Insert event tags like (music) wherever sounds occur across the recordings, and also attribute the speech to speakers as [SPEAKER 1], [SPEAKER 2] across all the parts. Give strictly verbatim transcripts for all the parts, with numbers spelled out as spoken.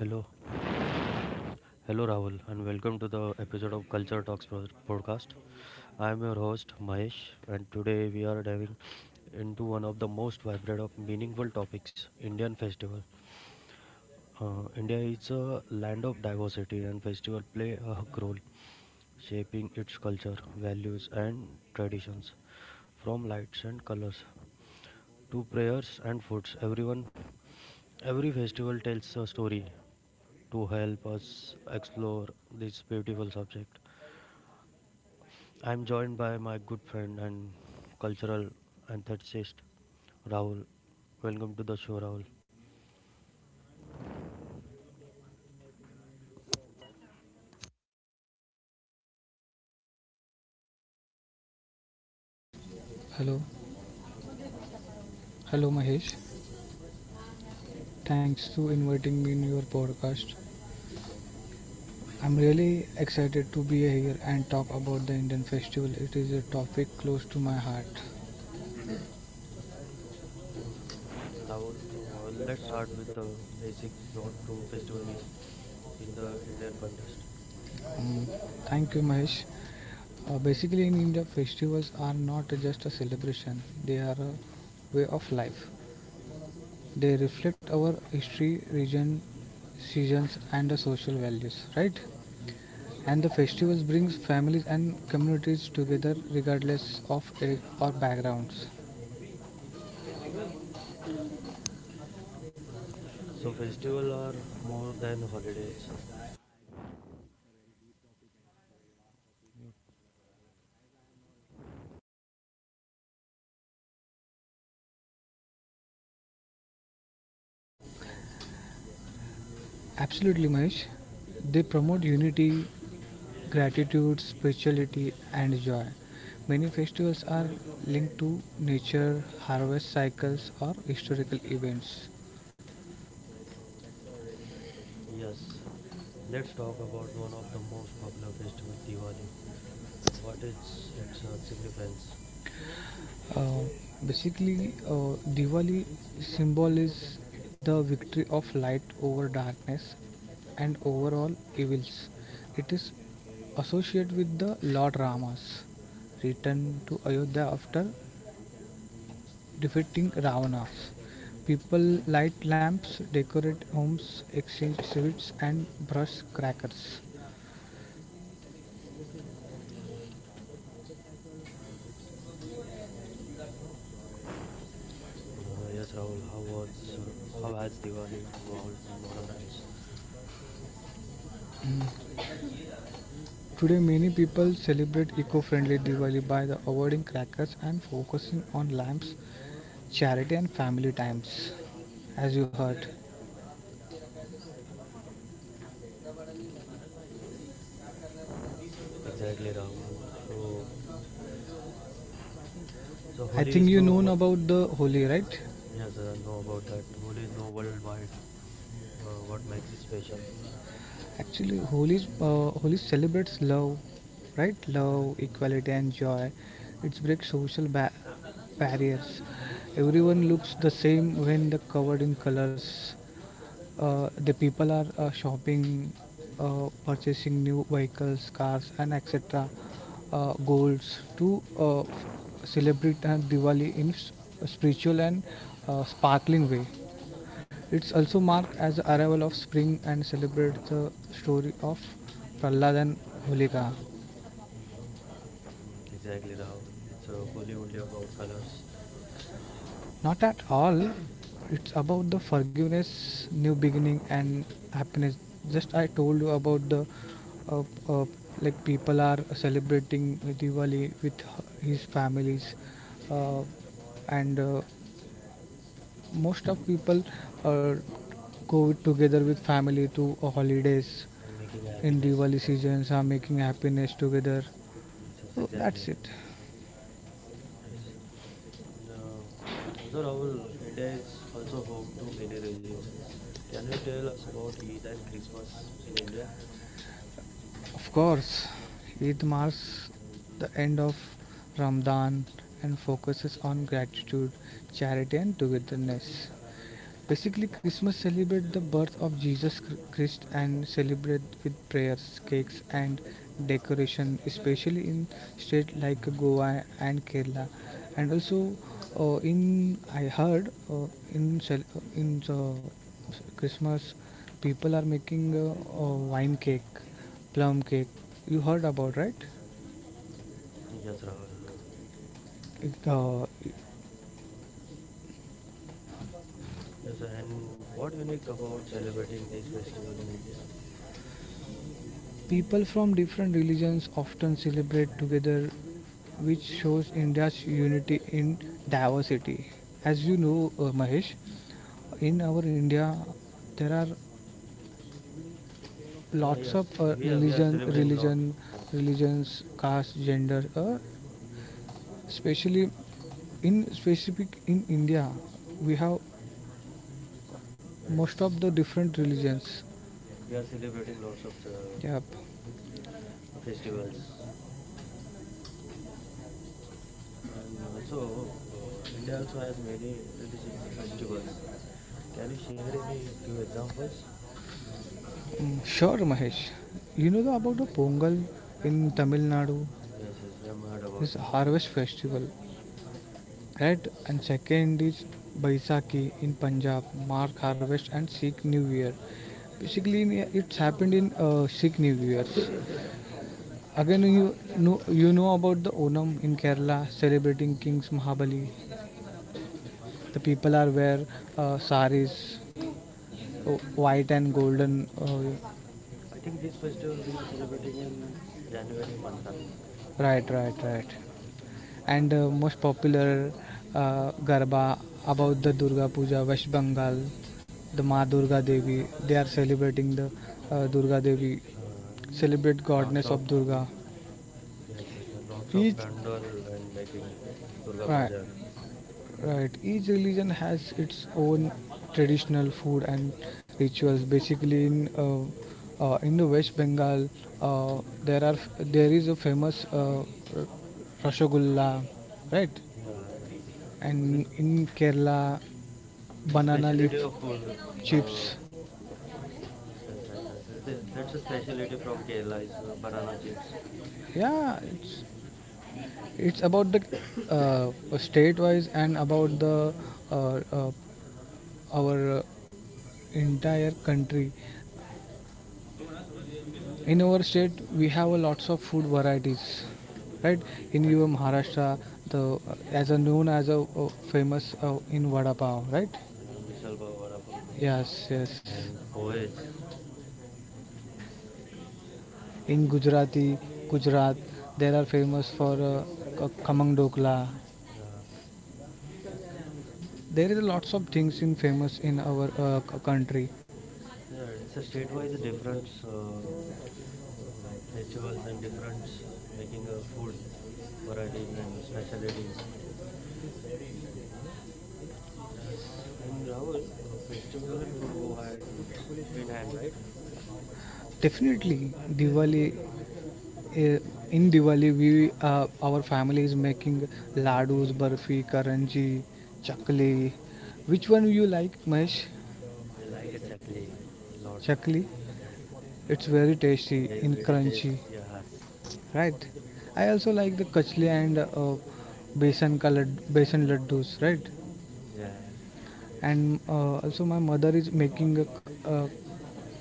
[SPEAKER 1] Hello, hello Rahul, and welcome to the episode of Culture Talks pod- podcast. I am your host Mahesh, and today we are diving into one of the most vibrant of meaningful topics: Indian festival. Uh, India is a land of diversity, and festival play a hug role, shaping its culture, values, and traditions. From lights and colors to prayers and foods, everyone, every festival tells a story to help us explore this beautiful subject. I'm joined by my good friend and cultural enthusiast, Rahul. Welcome to the show, Rahul.
[SPEAKER 2] Hello, hello, Mahesh. Thanks to inviting me in your podcast. I'm really excited to be here and talk about the Indian festival. It is a topic close to my heart.
[SPEAKER 1] Mm, Rahul, uh, let's start with the basic what do festival mean in the Indian context.
[SPEAKER 2] Um, Thank you, Mahesh. Uh, basically, in India, festivals are not just a celebration; they are a way of life. They reflect our history, region, seasons, and the social values, right? And the festivals brings families and communities together regardless of age or backgrounds.
[SPEAKER 1] So festival are more than holidays.
[SPEAKER 2] Absolutely, Mahesh. They promote unity, gratitude, spirituality, and joy. Many festivals are linked to nature, harvest cycles, or historical events.
[SPEAKER 1] Yes, let's talk about one of the most popular festival, Diwali. What is its uh, significance?
[SPEAKER 2] Uh, Basically, uh, Diwali symbol is the victory of light over darkness and over all evils. It is associated with the Lord Rama's return to Ayodhya after defeating Ravana. People light lamps, decorate homes, exchange sweets, and brush crackers.
[SPEAKER 1] Uh, yes, Rahul. How was uh, how has Diwali involved in modern times?
[SPEAKER 2] Today, many people celebrate eco friendly Diwali by the avoiding crackers and focusing on lamps, charity, and family times. As you heard,
[SPEAKER 1] Exactly, Rahul. So, so Holi
[SPEAKER 2] think
[SPEAKER 1] is
[SPEAKER 2] you
[SPEAKER 1] no
[SPEAKER 2] know
[SPEAKER 1] what?
[SPEAKER 2] about the Holi, right?
[SPEAKER 1] Yes, I know about that. Holi is no worldwide. Uh, what makes it special?
[SPEAKER 2] Actually, Holi uh, Holi celebrates love, right? Love, equality, and joy. It breaks social ba- barriers. Everyone looks the same when they're covered in colors. Uh, the people are uh, shopping, uh, purchasing new vehicles, cars, and et cetera. Uh, goals to uh, f- celebrate uh, Diwali in s- spiritual and uh, sparkling way. It's also marked as the arrival of spring and celebrates the story of Prahlad and Holika.
[SPEAKER 1] Mm, exactly, Rahul. It's uh, Holi only about colors
[SPEAKER 2] Not at all. It's about the forgiveness, new beginning, and happiness. Just I told you about the uh, uh, like people are celebrating Diwali with his families, uh, and uh, most of people uh, go together with family to uh, holidays
[SPEAKER 1] and making
[SPEAKER 2] in
[SPEAKER 1] happiness.
[SPEAKER 2] Diwali seasons are making happiness together.
[SPEAKER 1] Yes, yes,
[SPEAKER 2] So
[SPEAKER 1] exactly.
[SPEAKER 2] that's
[SPEAKER 1] ex-
[SPEAKER 2] it.
[SPEAKER 1] Yes. Uh, also, Rahul, India is also home to many religions. Can you tell us about Eid and Christmas in India?
[SPEAKER 2] Of course, Eid marks the end of Ramadan and focuses on gratitude, charity, and togetherness. Basically, Christmas celebrates the birth of Jesus Christ and celebrate with prayers, cakes, and decoration, especially in states like Goa and Kerala. And also, uh, in I heard uh, in cel- uh, in the Christmas, people are making uh, uh, wine cake, plum cake. You heard about right?
[SPEAKER 1] Yes, Rahul.
[SPEAKER 2] It, uh,
[SPEAKER 1] Yes, and what unique about celebrating this festival in India?
[SPEAKER 2] People from different religions often celebrate together, which shows India's unity in diversity. As you know, uh, Mahesh, in our India, there are
[SPEAKER 1] Yeah,
[SPEAKER 2] lots of
[SPEAKER 1] yes,
[SPEAKER 2] uh,
[SPEAKER 1] we are we are
[SPEAKER 2] religion,
[SPEAKER 1] celebrating lot.
[SPEAKER 2] religion,
[SPEAKER 1] Yes,
[SPEAKER 2] religions, caste, gender. Uh, especially in specific in India, we have most
[SPEAKER 1] yes,
[SPEAKER 2] of the different religions.
[SPEAKER 1] we are celebrating lots of the
[SPEAKER 2] Yep.
[SPEAKER 1] festivals, and also uh, India also has many religious festivals. Can you share any few examples?
[SPEAKER 2] Mm, sure, Mahesh. You know the, about the Pongal in Tamil Nadu?
[SPEAKER 1] Yes, yes, I'm heard
[SPEAKER 2] This
[SPEAKER 1] about that.
[SPEAKER 2] harvest festival, right? And second is Baisakhi in Punjab, mark harvest and Sikh New Year. Basically, in- it's happened in uh, Sikh New Years. Again, you know, you know about the Onam in Kerala, celebrating King's Mahabali. The people are wear uh, saris,
[SPEAKER 1] Yes,
[SPEAKER 2] o-
[SPEAKER 1] yes.
[SPEAKER 2] white and golden. Uh,
[SPEAKER 1] I think this festival we are celebrating in January month. uh,
[SPEAKER 2] right, right, right.
[SPEAKER 1] Yes, yes.
[SPEAKER 2] And uh, most popular uh, garba about the Durga Puja, West Bengal,
[SPEAKER 1] Uh,
[SPEAKER 2] the Ma Durga Devi. They are celebrating the uh, Durga Devi,
[SPEAKER 1] uh,
[SPEAKER 2] celebrate
[SPEAKER 1] lots
[SPEAKER 2] goddess
[SPEAKER 1] of
[SPEAKER 2] of Durga.
[SPEAKER 1] yes, yes, a lots of
[SPEAKER 2] Each
[SPEAKER 1] pandal and making Durga
[SPEAKER 2] Right.
[SPEAKER 1] Puja.
[SPEAKER 2] Right, each religion has its own traditional food and rituals. Basically, in uh, uh, in the West Bengal, uh, there are there is a famous uh, r- rasgulla, right?
[SPEAKER 1] Yeah, this
[SPEAKER 2] And in Kerala,
[SPEAKER 1] yeah,
[SPEAKER 2] banana leaf
[SPEAKER 1] speciality of food. Uh,
[SPEAKER 2] chips.
[SPEAKER 1] yes, yes, yes, yes. th- That's a speciality from Kerala is uh, banana chips.
[SPEAKER 2] Yeah, it's it's about the uh, state-wise and about the uh, uh, our uh, entire country. In our
[SPEAKER 1] Yes,
[SPEAKER 2] state we have a lots of food varieties,
[SPEAKER 1] mm.
[SPEAKER 2] right? In
[SPEAKER 1] as
[SPEAKER 2] your Maharashtra, the as a known as a, a famous uh, in vada pav, right?
[SPEAKER 1] uh, misal pav, vada pav,
[SPEAKER 2] Yes, yes.
[SPEAKER 1] and poets. Yes,
[SPEAKER 2] In gujarati Gujarat there are famous for uh, k- khamang dokla.
[SPEAKER 1] yeah.
[SPEAKER 2] There is a lots of things in famous in our uh, c- country.
[SPEAKER 1] Yeah, it's a state-wise a different uh, uh, festivals and different making uh, food varieties and speciality. Yes, and Rahul, uh, festival and food go hand in hand, right?
[SPEAKER 2] Definitely, Diwali. Uh, in Diwali, we uh, our family is making laddus, barfi, karanji, chakli. Which one you like, Mesh?
[SPEAKER 1] I like a chakli, it's a lot. of-
[SPEAKER 2] Chakli.
[SPEAKER 1] Yes,
[SPEAKER 2] It's very tasty
[SPEAKER 1] very
[SPEAKER 2] and
[SPEAKER 1] very tasty.
[SPEAKER 2] crunchy,
[SPEAKER 1] Yes,
[SPEAKER 2] right? I also like the kachli and uh, besan ka lad- besan laddus, right?
[SPEAKER 1] yeah,
[SPEAKER 2] And uh, also my mother is making, a, uh,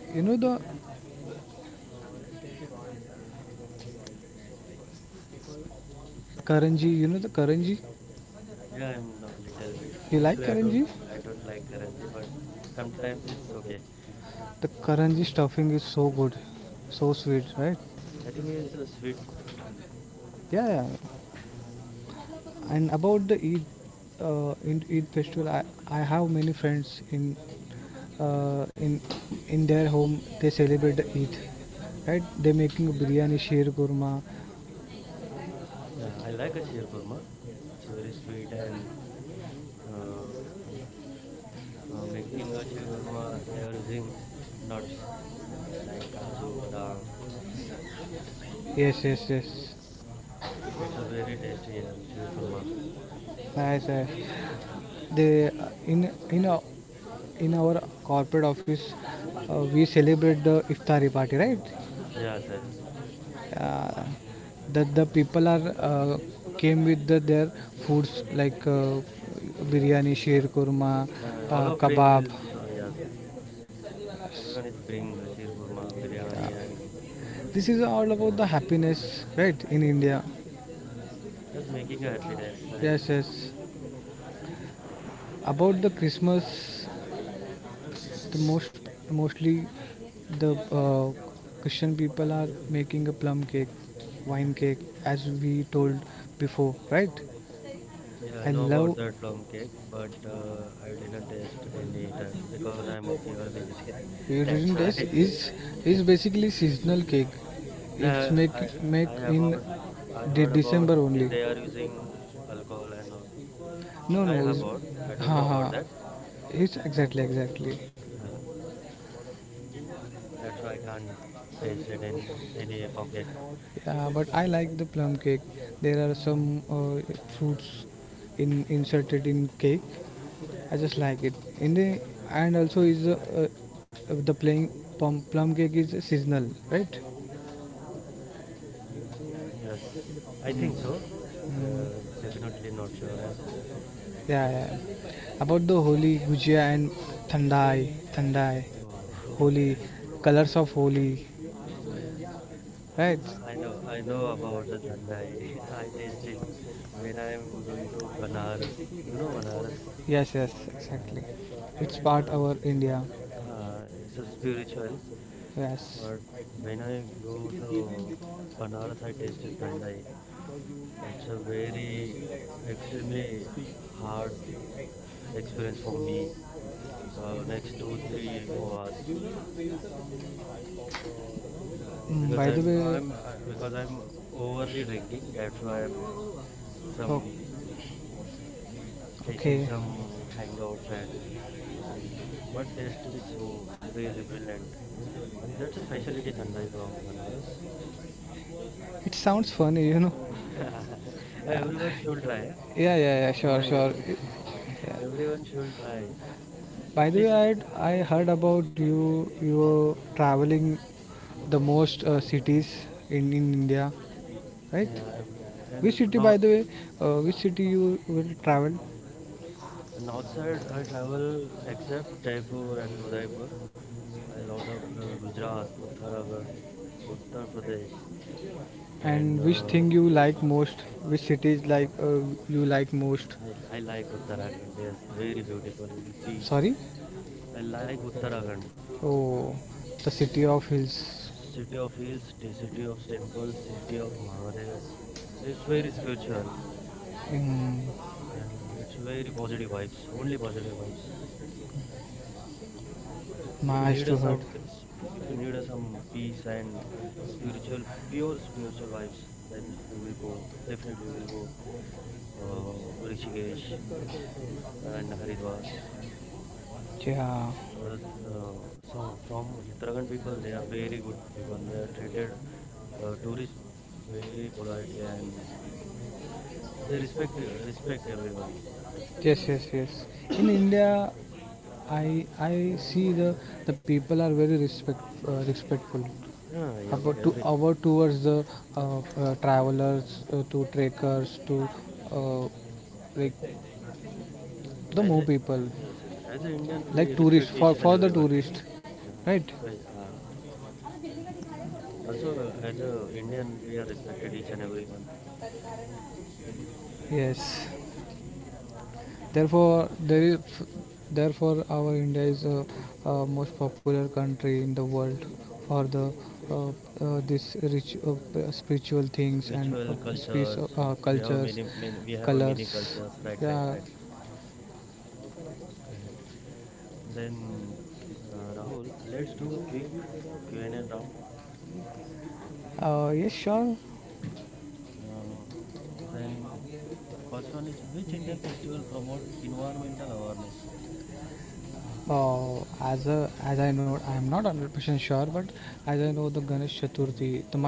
[SPEAKER 2] you know the karanji. You know the karanji.
[SPEAKER 1] yeah. I'm a little bit.
[SPEAKER 2] You like
[SPEAKER 1] Actually, I don't
[SPEAKER 2] karanji?
[SPEAKER 1] I don't like karanji, but sometimes it's okay.
[SPEAKER 2] The karanji stuffing is so good, so sweet, right?
[SPEAKER 1] I think it's a sweet.
[SPEAKER 2] Yeah, yeah. And about the Eid, uh, in Eid festival, I, I have many friends in uh, in in their home they celebrate the Eid, right? They making biryani, sheer kurma.
[SPEAKER 1] Yeah, I like a sheer kurma. It's a very sweet and uh, uh, making a sheer kurma, they are using nuts like kaju, badam.
[SPEAKER 2] Yes, yes, yes.
[SPEAKER 1] It's a very tasty uh, sheer kurma.
[SPEAKER 2] Nice. Nice. They uh, in in a, in our corporate office, uh, we celebrate the iftari party, right?
[SPEAKER 1] Yes, yes.
[SPEAKER 2] uh, that the people are uh, came with the, their foods like uh,
[SPEAKER 1] Yes,
[SPEAKER 2] biryani, sheer kurma,
[SPEAKER 1] uh,
[SPEAKER 2] uh,
[SPEAKER 1] all of bring
[SPEAKER 2] kebab.
[SPEAKER 1] is uh, yes, yes. Everyone is bring uh, sheer kurma, biryani, and
[SPEAKER 2] This is all
[SPEAKER 1] all
[SPEAKER 2] about
[SPEAKER 1] about
[SPEAKER 2] the happiness, right? In India,
[SPEAKER 1] just making a happiness.
[SPEAKER 2] yes,
[SPEAKER 1] And
[SPEAKER 2] yes. About the Christmas, the most mostly the uh, Christian people are making a plum cake, wine cake, as we told before, right?
[SPEAKER 1] yeah, I
[SPEAKER 2] I
[SPEAKER 1] know about
[SPEAKER 2] love
[SPEAKER 1] that plum cake, but uh, I didn't taste any time because I'm a pure vegetarian. (laughs) That's
[SPEAKER 2] Urine
[SPEAKER 1] why.
[SPEAKER 2] dash is is
[SPEAKER 1] (laughs)
[SPEAKER 2] basically seasonal cake. It's
[SPEAKER 1] Now
[SPEAKER 2] make
[SPEAKER 1] I
[SPEAKER 2] make
[SPEAKER 1] I
[SPEAKER 2] in
[SPEAKER 1] about I
[SPEAKER 2] de-
[SPEAKER 1] heard about
[SPEAKER 2] December
[SPEAKER 1] that
[SPEAKER 2] only.
[SPEAKER 1] they are using alcohol and all.
[SPEAKER 2] No,
[SPEAKER 1] I
[SPEAKER 2] no, is
[SPEAKER 1] about I don't
[SPEAKER 2] ha
[SPEAKER 1] know
[SPEAKER 2] ha.
[SPEAKER 1] about that.
[SPEAKER 2] It's exactly exactly.
[SPEAKER 1] Uh, that's why I can't taste it in um, any plum cake.
[SPEAKER 2] Yeah, but I like the plum cake. There are some uh, fruits in inserted in cake. I just like it. In the And also is uh, uh, the playing plum, plum cake is seasonal, right?
[SPEAKER 1] Yes, I think so. Uh,
[SPEAKER 2] Mm.
[SPEAKER 1] definitely not sure. I'm.
[SPEAKER 2] Yeah, yeah. About the Holi, Gujia and Thandai, Thandai,
[SPEAKER 1] Oh,
[SPEAKER 2] Holi,
[SPEAKER 1] (laughs)
[SPEAKER 2] colors of Holi, right?
[SPEAKER 1] I I know. I know about the thandai. (laughs) I taste it when I am going to Banaras. You know Banaras.
[SPEAKER 2] Yes, yes, exactly. It's
[SPEAKER 1] Uh,
[SPEAKER 2] part our India.
[SPEAKER 1] uh, uh, it's a spiritual.
[SPEAKER 2] Yes.
[SPEAKER 1] But when I go
[SPEAKER 2] It is given because
[SPEAKER 1] to
[SPEAKER 2] you
[SPEAKER 1] Banaras, I
[SPEAKER 2] because b e
[SPEAKER 1] tasted Thandai.
[SPEAKER 2] c you
[SPEAKER 1] It's a
[SPEAKER 2] can
[SPEAKER 1] very
[SPEAKER 2] feel like
[SPEAKER 1] extremely
[SPEAKER 2] speak
[SPEAKER 1] hard
[SPEAKER 2] right.
[SPEAKER 1] experience for me.
[SPEAKER 2] So
[SPEAKER 1] uh,
[SPEAKER 2] in
[SPEAKER 1] next two
[SPEAKER 2] the
[SPEAKER 1] three four hours
[SPEAKER 2] cycle, you need to b l some uh, 음,
[SPEAKER 1] because
[SPEAKER 2] by the
[SPEAKER 1] I'm
[SPEAKER 2] way,
[SPEAKER 1] I'm uh, because I'm overly drinking. That's why I'm
[SPEAKER 2] o-
[SPEAKER 1] some facing
[SPEAKER 2] okay.
[SPEAKER 1] some hangouts and but taste is so really brilliant. And that's a specialty Thandai from Banaras.
[SPEAKER 2] It sounds funny, you know.
[SPEAKER 1] (laughs) Everyone should try. Eh?
[SPEAKER 2] Yeah, yeah, yeah, sure,
[SPEAKER 1] Thandai
[SPEAKER 2] sure.
[SPEAKER 1] every (laughs)
[SPEAKER 2] Yeah.
[SPEAKER 1] everyone should try.
[SPEAKER 2] By
[SPEAKER 1] At
[SPEAKER 2] the way,
[SPEAKER 1] least
[SPEAKER 2] I had, I heard about you. You were traveling the most uh, cities in, in India, right?
[SPEAKER 1] yeah, um,
[SPEAKER 2] Which
[SPEAKER 1] and
[SPEAKER 2] city,
[SPEAKER 1] north
[SPEAKER 2] by the way, uh, Which city you will travel?
[SPEAKER 1] north side I travel except Jaipur and Udaipur. A lot of uh, Gujarat, Uttarakhand, Uttar Pradesh, and
[SPEAKER 2] And which
[SPEAKER 1] uh,
[SPEAKER 2] thing you like most? Which cities like uh, you like most?
[SPEAKER 1] I, I like Uttarakhand. Yes, very beautiful, peace.
[SPEAKER 2] Sorry?
[SPEAKER 1] I like Uttarakhand,
[SPEAKER 2] Oh, the city of hills.
[SPEAKER 1] city of hills, t- city of temples, city of Mahadev. It's very spiritual and it's very positive vibes. Only
[SPEAKER 2] Mm,
[SPEAKER 1] positive vibes. If you
[SPEAKER 2] nice
[SPEAKER 1] need a
[SPEAKER 2] to hear.
[SPEAKER 1] some, s- if you need a some peace and spiritual, pure spiritual vibes, then you will go. Definitely, you will go. Uh, Rishikesh. And Haridwar.
[SPEAKER 2] Yeah.
[SPEAKER 1] Uh, no, some from Uttarakhand people, they are very good people. They are treated uh, tourists very politely and they respect uh, respect everyone.
[SPEAKER 2] Yes, yes, yes. In India, I I see the the people are very respect uh, respectful.
[SPEAKER 1] Yeah, I agree.
[SPEAKER 2] About to
[SPEAKER 1] Every
[SPEAKER 2] our towards the uh, uh, travelers uh, to trekkers to uh, like the
[SPEAKER 1] as
[SPEAKER 2] more
[SPEAKER 1] a
[SPEAKER 2] people
[SPEAKER 1] yes, yes, as a Indian, we
[SPEAKER 2] like tourists
[SPEAKER 1] respect
[SPEAKER 2] for
[SPEAKER 1] each and
[SPEAKER 2] for the
[SPEAKER 1] everyone.
[SPEAKER 2] tourist,
[SPEAKER 1] Yeah.
[SPEAKER 2] right.
[SPEAKER 1] spe- Uh, also, uh, as a Indian, we are respected each and everyone.
[SPEAKER 2] Yes. therefore there is Therefore our India is a, uh most popular country in the world for the uh, uh, this rich uh, p- spiritual things and
[SPEAKER 1] Spiritual
[SPEAKER 2] uh, speech
[SPEAKER 1] cultures,
[SPEAKER 2] uh,
[SPEAKER 1] we have
[SPEAKER 2] cultures,
[SPEAKER 1] many, many we have a many
[SPEAKER 2] colors.
[SPEAKER 1] cultures. Right, right,
[SPEAKER 2] Yeah.
[SPEAKER 1] right, right. right. Then, uh, Rahul, let's do a quick Q and A round.
[SPEAKER 2] Uh, yes, sure.
[SPEAKER 1] Uh, then, first one is which Indian festival promote environmental awareness?
[SPEAKER 2] अजे वर रिषव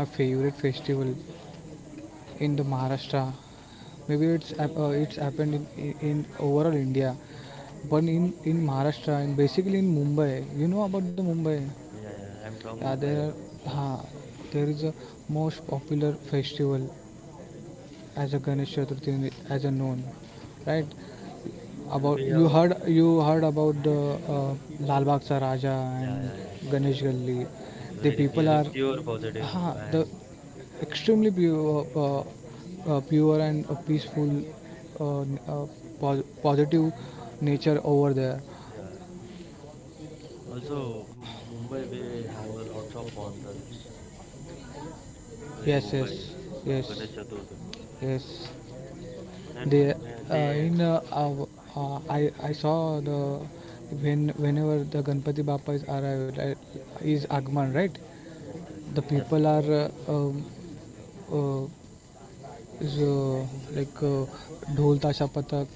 [SPEAKER 2] इसाप मारारास्टा से वे ता are shall with साथारा के लिए प्र Voilà टंध प्केरांग,बेद वालब्च उन् तीस लार प्केल और आड वाल थो ड्य थान विद भालब
[SPEAKER 1] Yeah, yeah, I'm from Mumbai, bro. Yes.
[SPEAKER 2] ते वाल मूंबे, प्केराश का ना प्रुểm as a Ganesh Chaturthi as a known, right?
[SPEAKER 1] Mm. And
[SPEAKER 2] About
[SPEAKER 1] we
[SPEAKER 2] you
[SPEAKER 1] have,
[SPEAKER 2] heard you heard about the uh, Lal Bagh Sa Raja
[SPEAKER 1] yeah,
[SPEAKER 2] and
[SPEAKER 1] yeah, yeah.
[SPEAKER 2] Ganesh Galli.
[SPEAKER 1] It's
[SPEAKER 2] The
[SPEAKER 1] very,
[SPEAKER 2] people are
[SPEAKER 1] very pure
[SPEAKER 2] huh,
[SPEAKER 1] positive
[SPEAKER 2] the
[SPEAKER 1] and
[SPEAKER 2] extremely pure, uh, uh, pure and uh, peaceful, uh, uh, pos- positive nature over there.
[SPEAKER 1] yeah. Also, M- Mumbai, we have a lots of pandals in
[SPEAKER 2] Yes,
[SPEAKER 1] Mumbai
[SPEAKER 2] yes,
[SPEAKER 1] from
[SPEAKER 2] yes,
[SPEAKER 1] Ganesh Chaturthi.
[SPEAKER 2] yes. They
[SPEAKER 1] And uh,
[SPEAKER 2] uh,
[SPEAKER 1] they,
[SPEAKER 2] in uh, our, uh, I I saw the when whenever the Ganpati Bappa is arrived, uh, is Agman, right?
[SPEAKER 1] yes, yes,
[SPEAKER 2] The
[SPEAKER 1] yes,
[SPEAKER 2] people are uh, um, uh, is uh, like uh, dhol tasha patak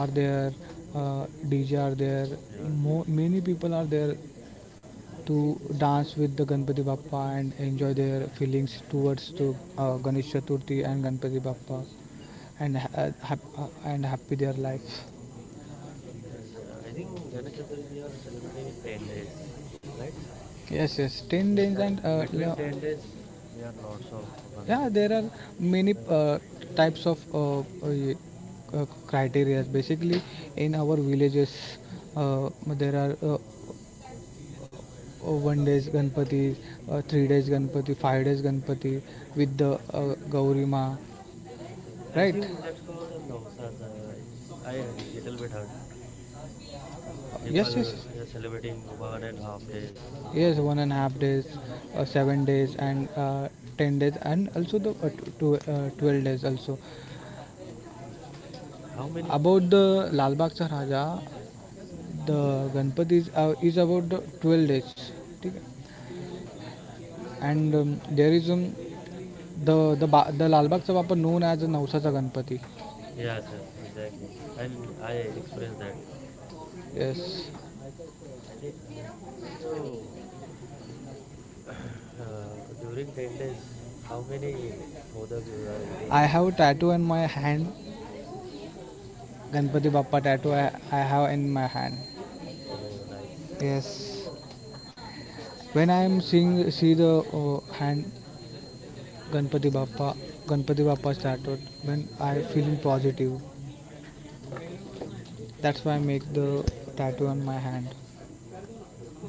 [SPEAKER 2] are there, uh, dj are there.
[SPEAKER 1] yes.
[SPEAKER 2] Mo-
[SPEAKER 1] yes.
[SPEAKER 2] many people are there to
[SPEAKER 1] It's
[SPEAKER 2] dance with the Ganpati Bappa and enjoy their feelings towards the uh, Ganesh Chaturthi and Ganpati Bappa and ha- uh, hap- uh, and happy their life.
[SPEAKER 1] Yes, uh, I think Ganesh Chaturthi we are celebrating in ten days, right?
[SPEAKER 2] Yes, yes.
[SPEAKER 1] Yes,
[SPEAKER 2] Ten days
[SPEAKER 1] inter
[SPEAKER 2] and uh,
[SPEAKER 1] between ten days we are lots of fun.
[SPEAKER 2] yeah there are many
[SPEAKER 1] Uh,
[SPEAKER 2] uh, types of uh, uh, uh, criteria, basically in our villages, uh, there are uh, uh, one days ganpati, uh, three days ganpati, five days ganpati with the uh, gauri ma,
[SPEAKER 1] acha, I
[SPEAKER 2] right?
[SPEAKER 1] think that's called a Navsaz, uh, I think. I uh, little bit hurt.
[SPEAKER 2] Yes, yes.
[SPEAKER 1] People are celebrating one and a half day
[SPEAKER 2] Yes,
[SPEAKER 1] Ganpati.
[SPEAKER 2] one and a half days, uh,
[SPEAKER 1] Yeah.
[SPEAKER 2] seven days, and uh, ten days, and also the uh, tw- tw- uh, twelve days also.
[SPEAKER 1] How many?
[SPEAKER 2] About the Lalbaugcha Raja the Ganpati is about the twelve days ठीक आहे and there is the the बा the Lalbaugcha Bappa known as a Navsacha Ganpati
[SPEAKER 1] Yes, yes, exactly. And I experienced that.
[SPEAKER 2] Yes
[SPEAKER 1] I think, and also (coughs) (clears throat) uh, during ten days, how many modak you are eating?
[SPEAKER 2] I have tattoo in my hand Ganpati Bappa tattoo I I have in my hand
[SPEAKER 1] Oh, nice.
[SPEAKER 2] Yes when I am seeing see the hand Ganpati Bappa, Ganpati Bappa tattoo. When I feeling positive. That's why I make the tattoo on my hand.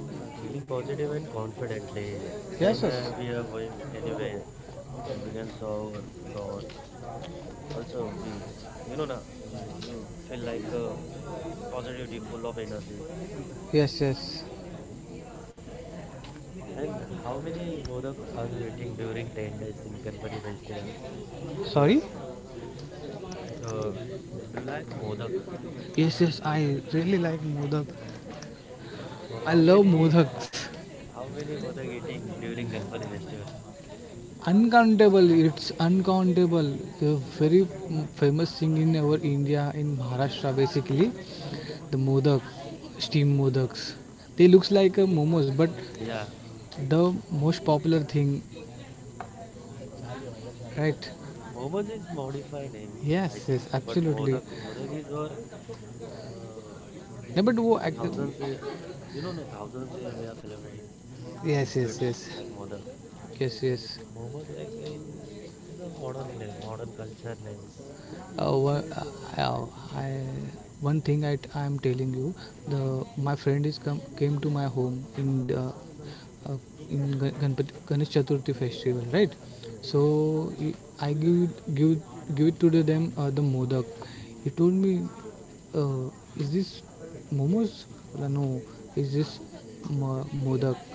[SPEAKER 1] Yeah, feeling positive and confidently
[SPEAKER 2] Yes,
[SPEAKER 1] when
[SPEAKER 2] yes.
[SPEAKER 1] uh, we are going anywhere, uh, we can serve God. Also, we, you know, na, you, you feel like uh, positivity, full of energy.
[SPEAKER 2] Yes, yes.
[SPEAKER 1] And how many modak are you eating during ten days in Ganpati festival? Your,
[SPEAKER 2] Sorry?
[SPEAKER 1] your, do you like modak?
[SPEAKER 2] Yes, yes. I really like Modak.
[SPEAKER 1] So
[SPEAKER 2] I
[SPEAKER 1] how
[SPEAKER 2] love
[SPEAKER 1] many,
[SPEAKER 2] Modaks.
[SPEAKER 1] (laughs) how many modak eating during Ganpati festival?
[SPEAKER 2] Uncountable. It's uncountable. The very famous thing in our India, in Maharashtra, basically, the Modak, steam Modaks. They looks like a momos, but
[SPEAKER 1] Yeah,
[SPEAKER 2] the most popular thing, right?
[SPEAKER 1] momos is modified name, I
[SPEAKER 2] Yes, yes,
[SPEAKER 1] think so. But
[SPEAKER 2] absolutely.
[SPEAKER 1] modak, modak is our uh,
[SPEAKER 2] No, but wo, ac-
[SPEAKER 1] Thousands here, th- you know, no, thousands here we are celebrating
[SPEAKER 2] yes, yes,
[SPEAKER 1] Winspits
[SPEAKER 2] yes,
[SPEAKER 1] like Modak.
[SPEAKER 2] yes, yes.
[SPEAKER 1] Momos like in, in the modern name, modern culture names.
[SPEAKER 2] Uh, wha- uh, uh, I, one thing I I am telling you, the my friend is come came to my home in the, uh, in Gan- Ganpati Ganesh Chaturthi festival, right?
[SPEAKER 1] Yes,
[SPEAKER 2] So
[SPEAKER 1] sir.
[SPEAKER 2] he- I give it- give it- give it to the, them uh, the modak. He told me, uh, is this momos? Well, no, is this mo- modak?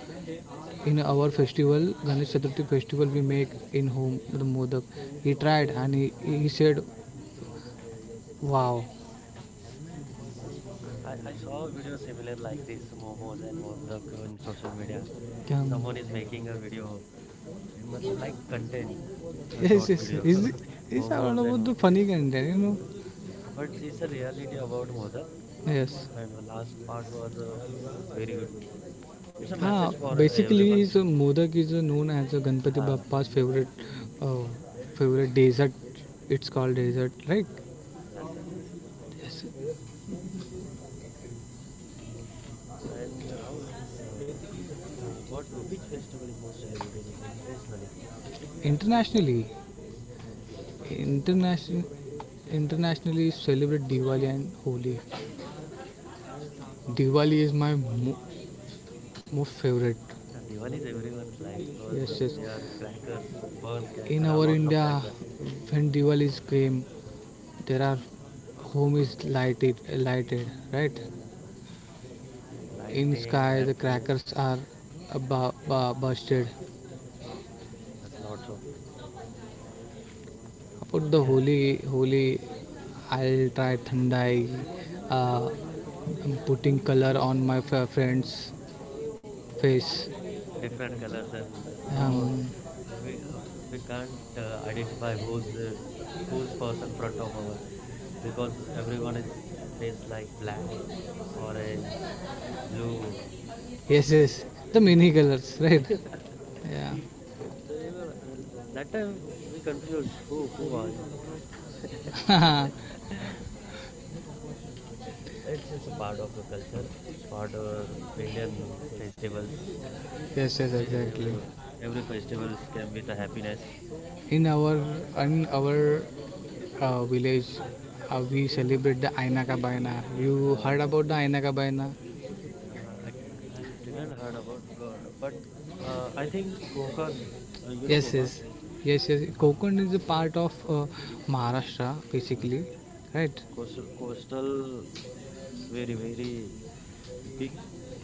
[SPEAKER 2] In our festival, ganesh chaturthi festival, we make in home the modak. He tried and he, he said wow.
[SPEAKER 1] I, I saw a video similar like this momos and Modak on social media.
[SPEAKER 2] Can-
[SPEAKER 1] Someone is making a video and matlab, like content, a
[SPEAKER 2] yes,
[SPEAKER 1] short
[SPEAKER 2] yes,
[SPEAKER 1] video,
[SPEAKER 2] is
[SPEAKER 1] (laughs)
[SPEAKER 2] is about
[SPEAKER 1] momos and
[SPEAKER 2] the
[SPEAKER 1] Modak.
[SPEAKER 2] funny content, you know.
[SPEAKER 1] But it's a reality about Modak.
[SPEAKER 2] Yes.
[SPEAKER 1] I know last part was a very good. It's a message for
[SPEAKER 2] हाँ
[SPEAKER 1] uh,
[SPEAKER 2] basically
[SPEAKER 1] everyone.
[SPEAKER 2] Is modak is known as a Ganpati
[SPEAKER 1] Uh,
[SPEAKER 2] Bappa's favourite favourite dessert it's called dessert
[SPEAKER 1] yes, yes, yes.
[SPEAKER 2] Right
[SPEAKER 1] And Rahul, so what which festival is most celebrated in- internationally?
[SPEAKER 2] Internationally international internationally celebrate Diwali and Holi Diwali is my mo- most favorite.
[SPEAKER 1] Yeah, (laughs) Diwali is everyone's life because uh,
[SPEAKER 2] Yes, yes.
[SPEAKER 1] we are crackers, burns, crack,
[SPEAKER 2] In our
[SPEAKER 1] lots of
[SPEAKER 2] India,
[SPEAKER 1] crackers,
[SPEAKER 2] when Diwali is came, there are home is lighted, lighted, right? In
[SPEAKER 1] lightning,
[SPEAKER 2] sky, the
[SPEAKER 1] happiness,
[SPEAKER 2] crackers are uh, bu- bu- busted.
[SPEAKER 1] yes, lots of
[SPEAKER 2] About the
[SPEAKER 1] yeah,
[SPEAKER 2] holy, holy, I'll try thandai, uh, putting color on my f- friend's face.
[SPEAKER 1] different colors, and uh, no,
[SPEAKER 2] Um,
[SPEAKER 1] we uh, we can't uh, identify who's uh, who's person front of our because everyone is face like black, orange, blue,
[SPEAKER 2] Yes, yes. The mini colors, right? Yeah.
[SPEAKER 1] so you know, like, well, that time we confuse who who are you. (laughs)
[SPEAKER 2] (laughs)
[SPEAKER 1] It's just a part of a culture. It's part of our Indian festivals.
[SPEAKER 2] Yes, yes,
[SPEAKER 1] Very very-
[SPEAKER 2] exactly.
[SPEAKER 1] every every festivals came with a happiness.
[SPEAKER 2] In our in our uh, village, uh, we celebrate the Aina ka Baina. You heard
[SPEAKER 1] Uh,
[SPEAKER 2] about the Aina ka Baina?
[SPEAKER 1] uh, I I didn't heard about, uh, but uh, I think Kokan. Uh, you know
[SPEAKER 2] Yes,
[SPEAKER 1] Kokan.
[SPEAKER 2] yes, yes, yes.
[SPEAKER 1] Uh,
[SPEAKER 2] Kokon is a part of uh, Maharashtra,
[SPEAKER 1] uh,
[SPEAKER 2] basically, right?
[SPEAKER 1] Coast coastal very very big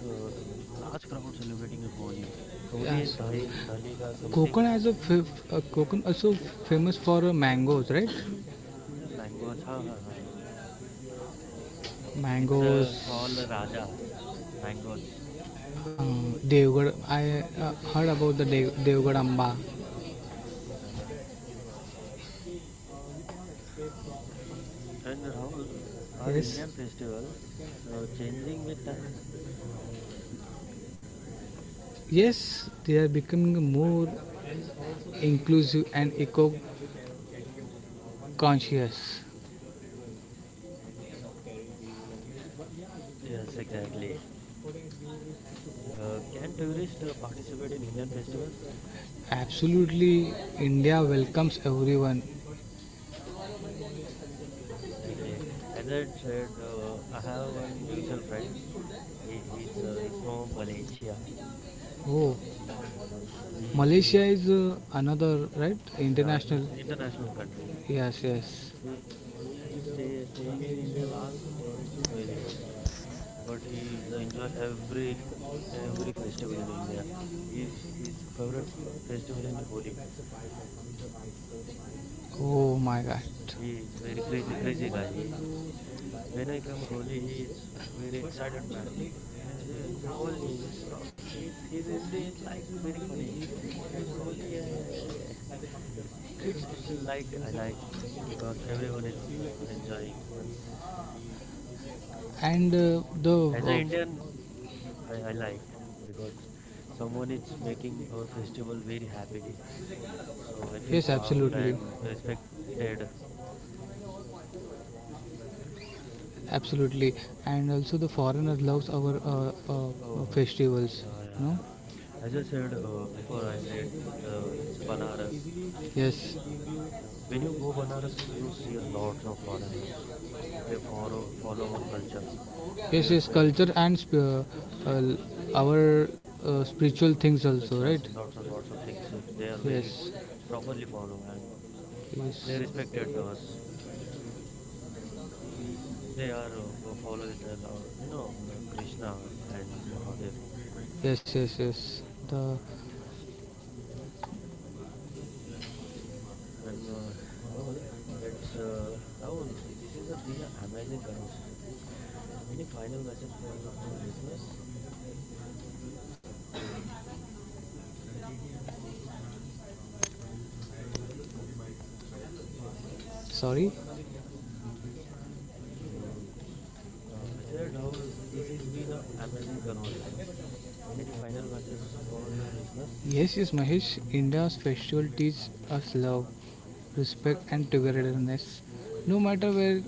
[SPEAKER 1] uh, large crowd celebrating Holi Holi दही दहली का something
[SPEAKER 2] Konkan has a f- uh, Konkan also famous for uh, mangoes, right?
[SPEAKER 1] Mangoes हाँ हाँ हाँ it's
[SPEAKER 2] Mangoes,
[SPEAKER 1] call raja mangoes
[SPEAKER 2] uh, Devgad. I uh, heard about the De- Devgad Amba.
[SPEAKER 1] And Rahul are
[SPEAKER 2] Yes,
[SPEAKER 1] Indian festivals changing with time
[SPEAKER 2] yes, they are becoming more inclusive and eco-conscious.
[SPEAKER 1] Yes exactly can tourist participate in Indian festivals
[SPEAKER 2] Absolutely, India welcomes everyone.
[SPEAKER 1] Exactly as I said I have one mutual friend he he's uh, he's from Malaysia.
[SPEAKER 2] Oh,
[SPEAKER 1] Um, he is
[SPEAKER 2] Malaysia is uh, another right
[SPEAKER 1] yeah,
[SPEAKER 2] international.
[SPEAKER 1] he's an international country. So
[SPEAKER 2] Yes, yes.
[SPEAKER 1] he he stay staying in India last ten to twelve years, but he is enjoy every every festival in India. His his favorite festival in Holi.
[SPEAKER 2] Oh my God.
[SPEAKER 1] He is very crazy crazy guy. He is when I come Holi, he is very excited man. It's Holi. It's called, he's he's Hindi is like very funny. It's Holi. Eh. (laughs) It's it's like I like uh, because everyone is uh, enjoying, and s-
[SPEAKER 2] And uh, the
[SPEAKER 1] as an Indian, I, I like
[SPEAKER 2] uh,
[SPEAKER 1] because someone is making our festival very happily. So I feel
[SPEAKER 2] Yes,
[SPEAKER 1] proud
[SPEAKER 2] absolutely,
[SPEAKER 1] and respected.
[SPEAKER 2] absolutely, and also the foreigner loves our uh, uh, uh,
[SPEAKER 1] Oh,
[SPEAKER 2] festivals.
[SPEAKER 1] yeah, yeah,
[SPEAKER 2] No,
[SPEAKER 1] yeah. As I said uh, before, I said uh, it's Banaras.
[SPEAKER 2] yes,
[SPEAKER 1] Uh, When you go Banaras, you see a lot of foreigners. They follow follow our cultures,
[SPEAKER 2] yes, yes,
[SPEAKER 1] spirituals,
[SPEAKER 2] culture and sp- uh, uh, our uh, spiritual things
[SPEAKER 1] which
[SPEAKER 2] also, right?
[SPEAKER 1] has lots of lots of things. uh, They are very
[SPEAKER 2] Yes,
[SPEAKER 1] properly follow and they
[SPEAKER 2] yes.
[SPEAKER 1] respected us. Uh, They are uh, fo- follow with the law- you know n- Krishna and Mahadev
[SPEAKER 2] Yes, yes, yes. The
[SPEAKER 1] and uh, Rahul. Let's uh, Rahul. This is a been an amazing conversation. Any final message for our listeners?
[SPEAKER 2] Sorry?
[SPEAKER 1] Mm, uh, I said Rahul. This has been an amazing conversation. Any final message for your listeners?
[SPEAKER 2] Yes, yes, Mahesh. India's festival teaches us love, respect, and togetherness. No matter where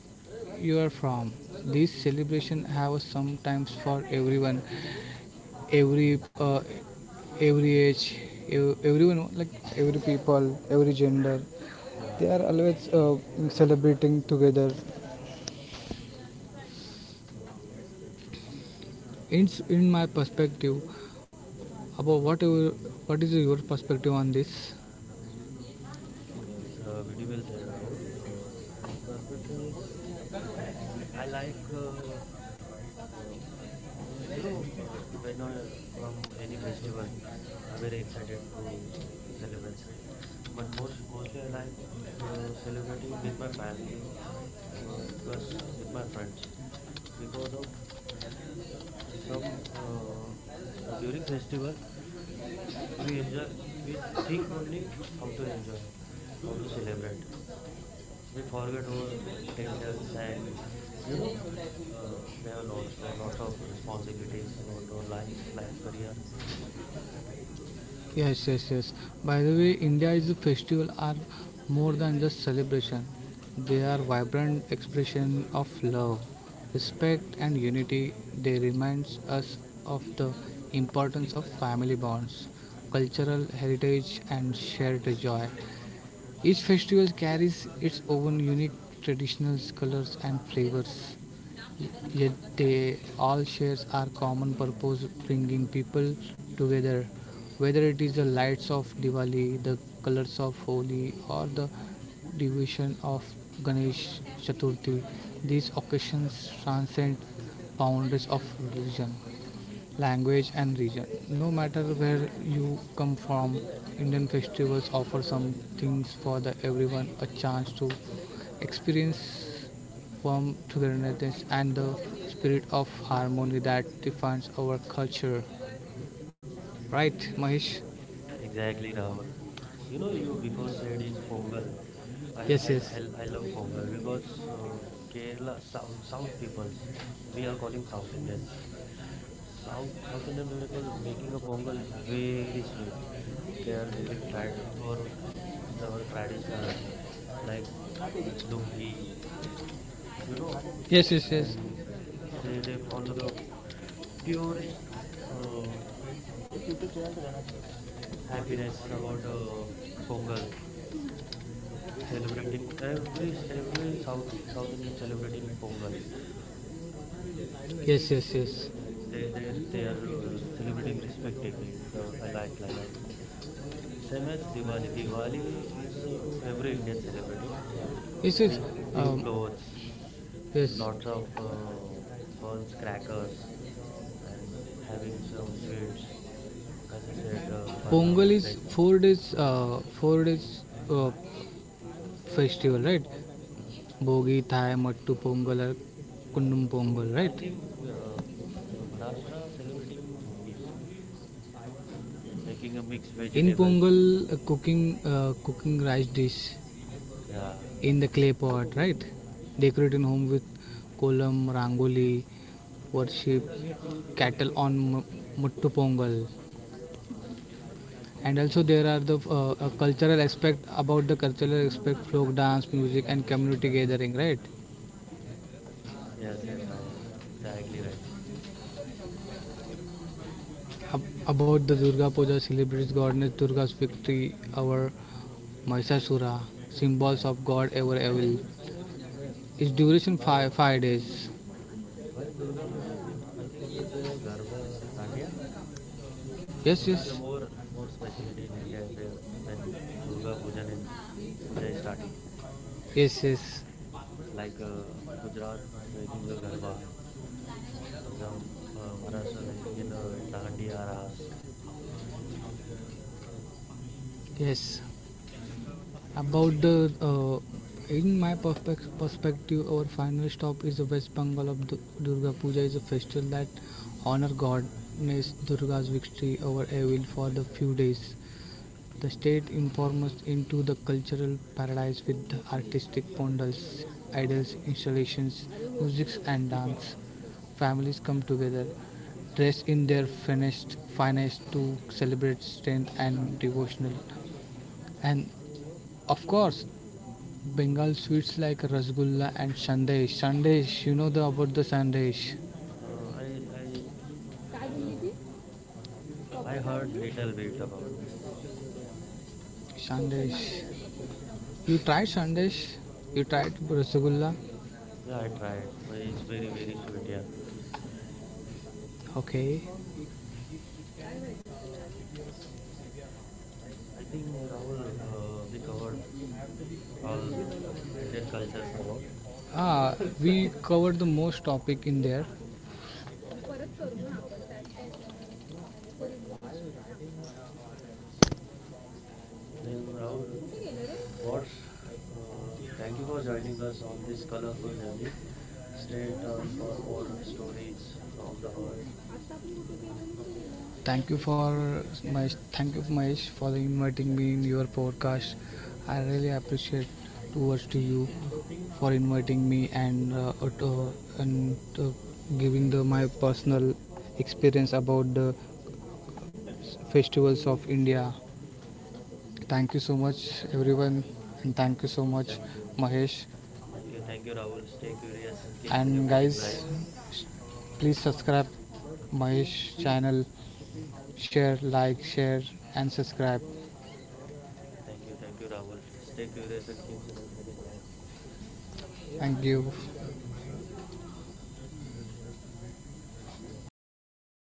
[SPEAKER 2] you are from, these celebrations have sometimes for everyone, every uh, every age ev- everyone like every people every gender
[SPEAKER 1] Yeah,
[SPEAKER 2] they are always uh, celebrating together in s- in my perspective about what your- what is your perspective on this.
[SPEAKER 1] so very well said, Rahul. Uh, my perspective is I like uh, uh, you, you know uh, when I come any festival, I'm very excited to celebrate. But most mostly I like uh, celebrating with my family uh, plus with my friends because of some uh, uh, during festival we enjoy we think only how to enjoy how to celebrate we forget our tensions and you know uh, we have lots of lots of responsibilities about our life life career.
[SPEAKER 2] Yes, yes, yes. By the way, India's is festival are more than just celebration. They are
[SPEAKER 1] Uh, yeah,
[SPEAKER 2] vibrant expression of love,
[SPEAKER 1] yeah.
[SPEAKER 2] respect and unity. They reminds us of the importance of family bonds, cultural heritage and shared joy. Each festival carries its own unique traditional colors and flavors, yet they all share our common purpose bringing people together. Whether it is the lights of Diwali, the colors of Holi, or the devotion of Ganesh Chaturthi, these occasions transcend boundaries of religion language and region. No matter where you come from, Indian festivals offer some things for the everyone, a chance to experience warm togetherness and the spirit of harmony that defines our culture, right Mahesh?
[SPEAKER 1] Exactly Rahul you know you before said is Pongal I
[SPEAKER 2] Yes,
[SPEAKER 1] I I
[SPEAKER 2] yes,
[SPEAKER 1] I love Pongal because uh, Kerala South South peoples we are calling South Indians South South Indian people making a Pongal very sweet they are wearing trad or, or traditional like lungi you know,
[SPEAKER 2] yes, yes,
[SPEAKER 1] and they they follow the purest uh,
[SPEAKER 2] yes,
[SPEAKER 1] happiness about uh, Pongal, celebrating every every South South Indian celebrating Pongal,
[SPEAKER 2] yes, yes, yes,
[SPEAKER 1] and they they they are uh, celebrating respectively. The I like I like same as Diwali. Diwali is uh, every Indian celebrating,
[SPEAKER 2] yes, yes.
[SPEAKER 1] with new
[SPEAKER 2] um,
[SPEAKER 1] clothes,
[SPEAKER 2] yes.
[SPEAKER 1] lots of uh, buns, crackers, and having some sweets. As you said, uh, ban- uh,
[SPEAKER 2] Pongal is
[SPEAKER 1] Kaisar.
[SPEAKER 2] four days uh, four days uh, festival, right?
[SPEAKER 1] Uh,
[SPEAKER 2] Bogi, thai, mattu pongal, or
[SPEAKER 1] yeah,
[SPEAKER 2] kundum
[SPEAKER 1] the bhogi.
[SPEAKER 2] pongal,
[SPEAKER 1] I
[SPEAKER 2] right?
[SPEAKER 1] think uh, uh, Maharashtra celebrating bhogi, making a mixed
[SPEAKER 2] In
[SPEAKER 1] vegetables.
[SPEAKER 2] pongal, uh, cooking uh, cooking rice dish
[SPEAKER 1] Yeah,
[SPEAKER 2] in the clay pot, right? Decorating home with kolam, rangoli, worship cattle on Mu- Muttu Pongal. And
[SPEAKER 1] yeah,
[SPEAKER 2] also there are the uh, uh, cultural aspect about the cultural aspect, folk dance, music, and community gathering, right?
[SPEAKER 1] yes, yes, Rahul, exactly right.
[SPEAKER 2] Ab- about the Durga Puja celebrates goddess Durga's victory over Mahishasura,
[SPEAKER 1] Yeah,
[SPEAKER 2] symbols of God over
[SPEAKER 1] I think
[SPEAKER 2] evil.
[SPEAKER 1] I think whe-
[SPEAKER 2] Its
[SPEAKER 1] uh,
[SPEAKER 2] duration
[SPEAKER 1] while
[SPEAKER 2] five five days.
[SPEAKER 1] while Durga Pujan, I think you play a garba or dandiya.
[SPEAKER 2] Yes,
[SPEAKER 1] This is a
[SPEAKER 2] yes,
[SPEAKER 1] more more specialty in India where when Durga Pujan in Puja is starting,
[SPEAKER 2] yes, yes,
[SPEAKER 1] like uh, Gujarat making a garba, as a Ma- Maharashtra making in a dandi aras.
[SPEAKER 2] yes. About the uh, in my perspe- perspective, our final stop is the West Bengal of Du- Durga Puja is a festival that honor goddess Durga's victory over evil for the few days. The state informs us into the cultural paradise with the artistic pandals, idols, installations, music and dance. Families come together, dressed in their finest, finest to celebrate strength and devotional. And of course, Bengal sweets like rasgulla and sandesh. Sandesh, you know the about the sandesh.
[SPEAKER 1] Uh, I I uh, I heard little bit about.
[SPEAKER 2] Sandesh. You tried sandesh? You tried rasgulla?
[SPEAKER 1] Yeah, I tried. But It's very very sweet. Yeah,
[SPEAKER 2] Okay.
[SPEAKER 1] I think Rahul, uh, we covered all Indian cultures about.
[SPEAKER 2] Ah, we covered the most topic in there. What's
[SPEAKER 1] Then Rahul, what's uh, thank
[SPEAKER 2] Thank
[SPEAKER 1] you
[SPEAKER 2] you
[SPEAKER 1] for
[SPEAKER 2] for
[SPEAKER 1] joining
[SPEAKER 2] joining
[SPEAKER 1] us
[SPEAKER 2] us on
[SPEAKER 1] on this
[SPEAKER 2] this
[SPEAKER 1] colorful journey. Stay
[SPEAKER 2] straight out
[SPEAKER 1] tuned
[SPEAKER 2] of
[SPEAKER 1] for more
[SPEAKER 2] our
[SPEAKER 1] stories
[SPEAKER 2] stories from
[SPEAKER 1] from the
[SPEAKER 2] the
[SPEAKER 1] heart.
[SPEAKER 2] heart. Thank you for my thank you Mahesh for the inviting me in your podcast. I really appreciate towards to you for inviting me and uh, ut- uh, and uh, giving the my personal experience about the s- festivals of India. Thank you so much everyone and thank you so much
[SPEAKER 1] Thank you.
[SPEAKER 2] Mahesh
[SPEAKER 1] Thank you. Thank you, Rahul. Stay curious and keep
[SPEAKER 2] and
[SPEAKER 1] celebrating
[SPEAKER 2] guys
[SPEAKER 1] life.
[SPEAKER 2] s- please subscribe Mahesh channel share like share and subscribe.
[SPEAKER 1] Thank you. Thank you, Rahul. Stay curious and keep celebrating life.
[SPEAKER 2] Thank you.
[SPEAKER 1] Thank you.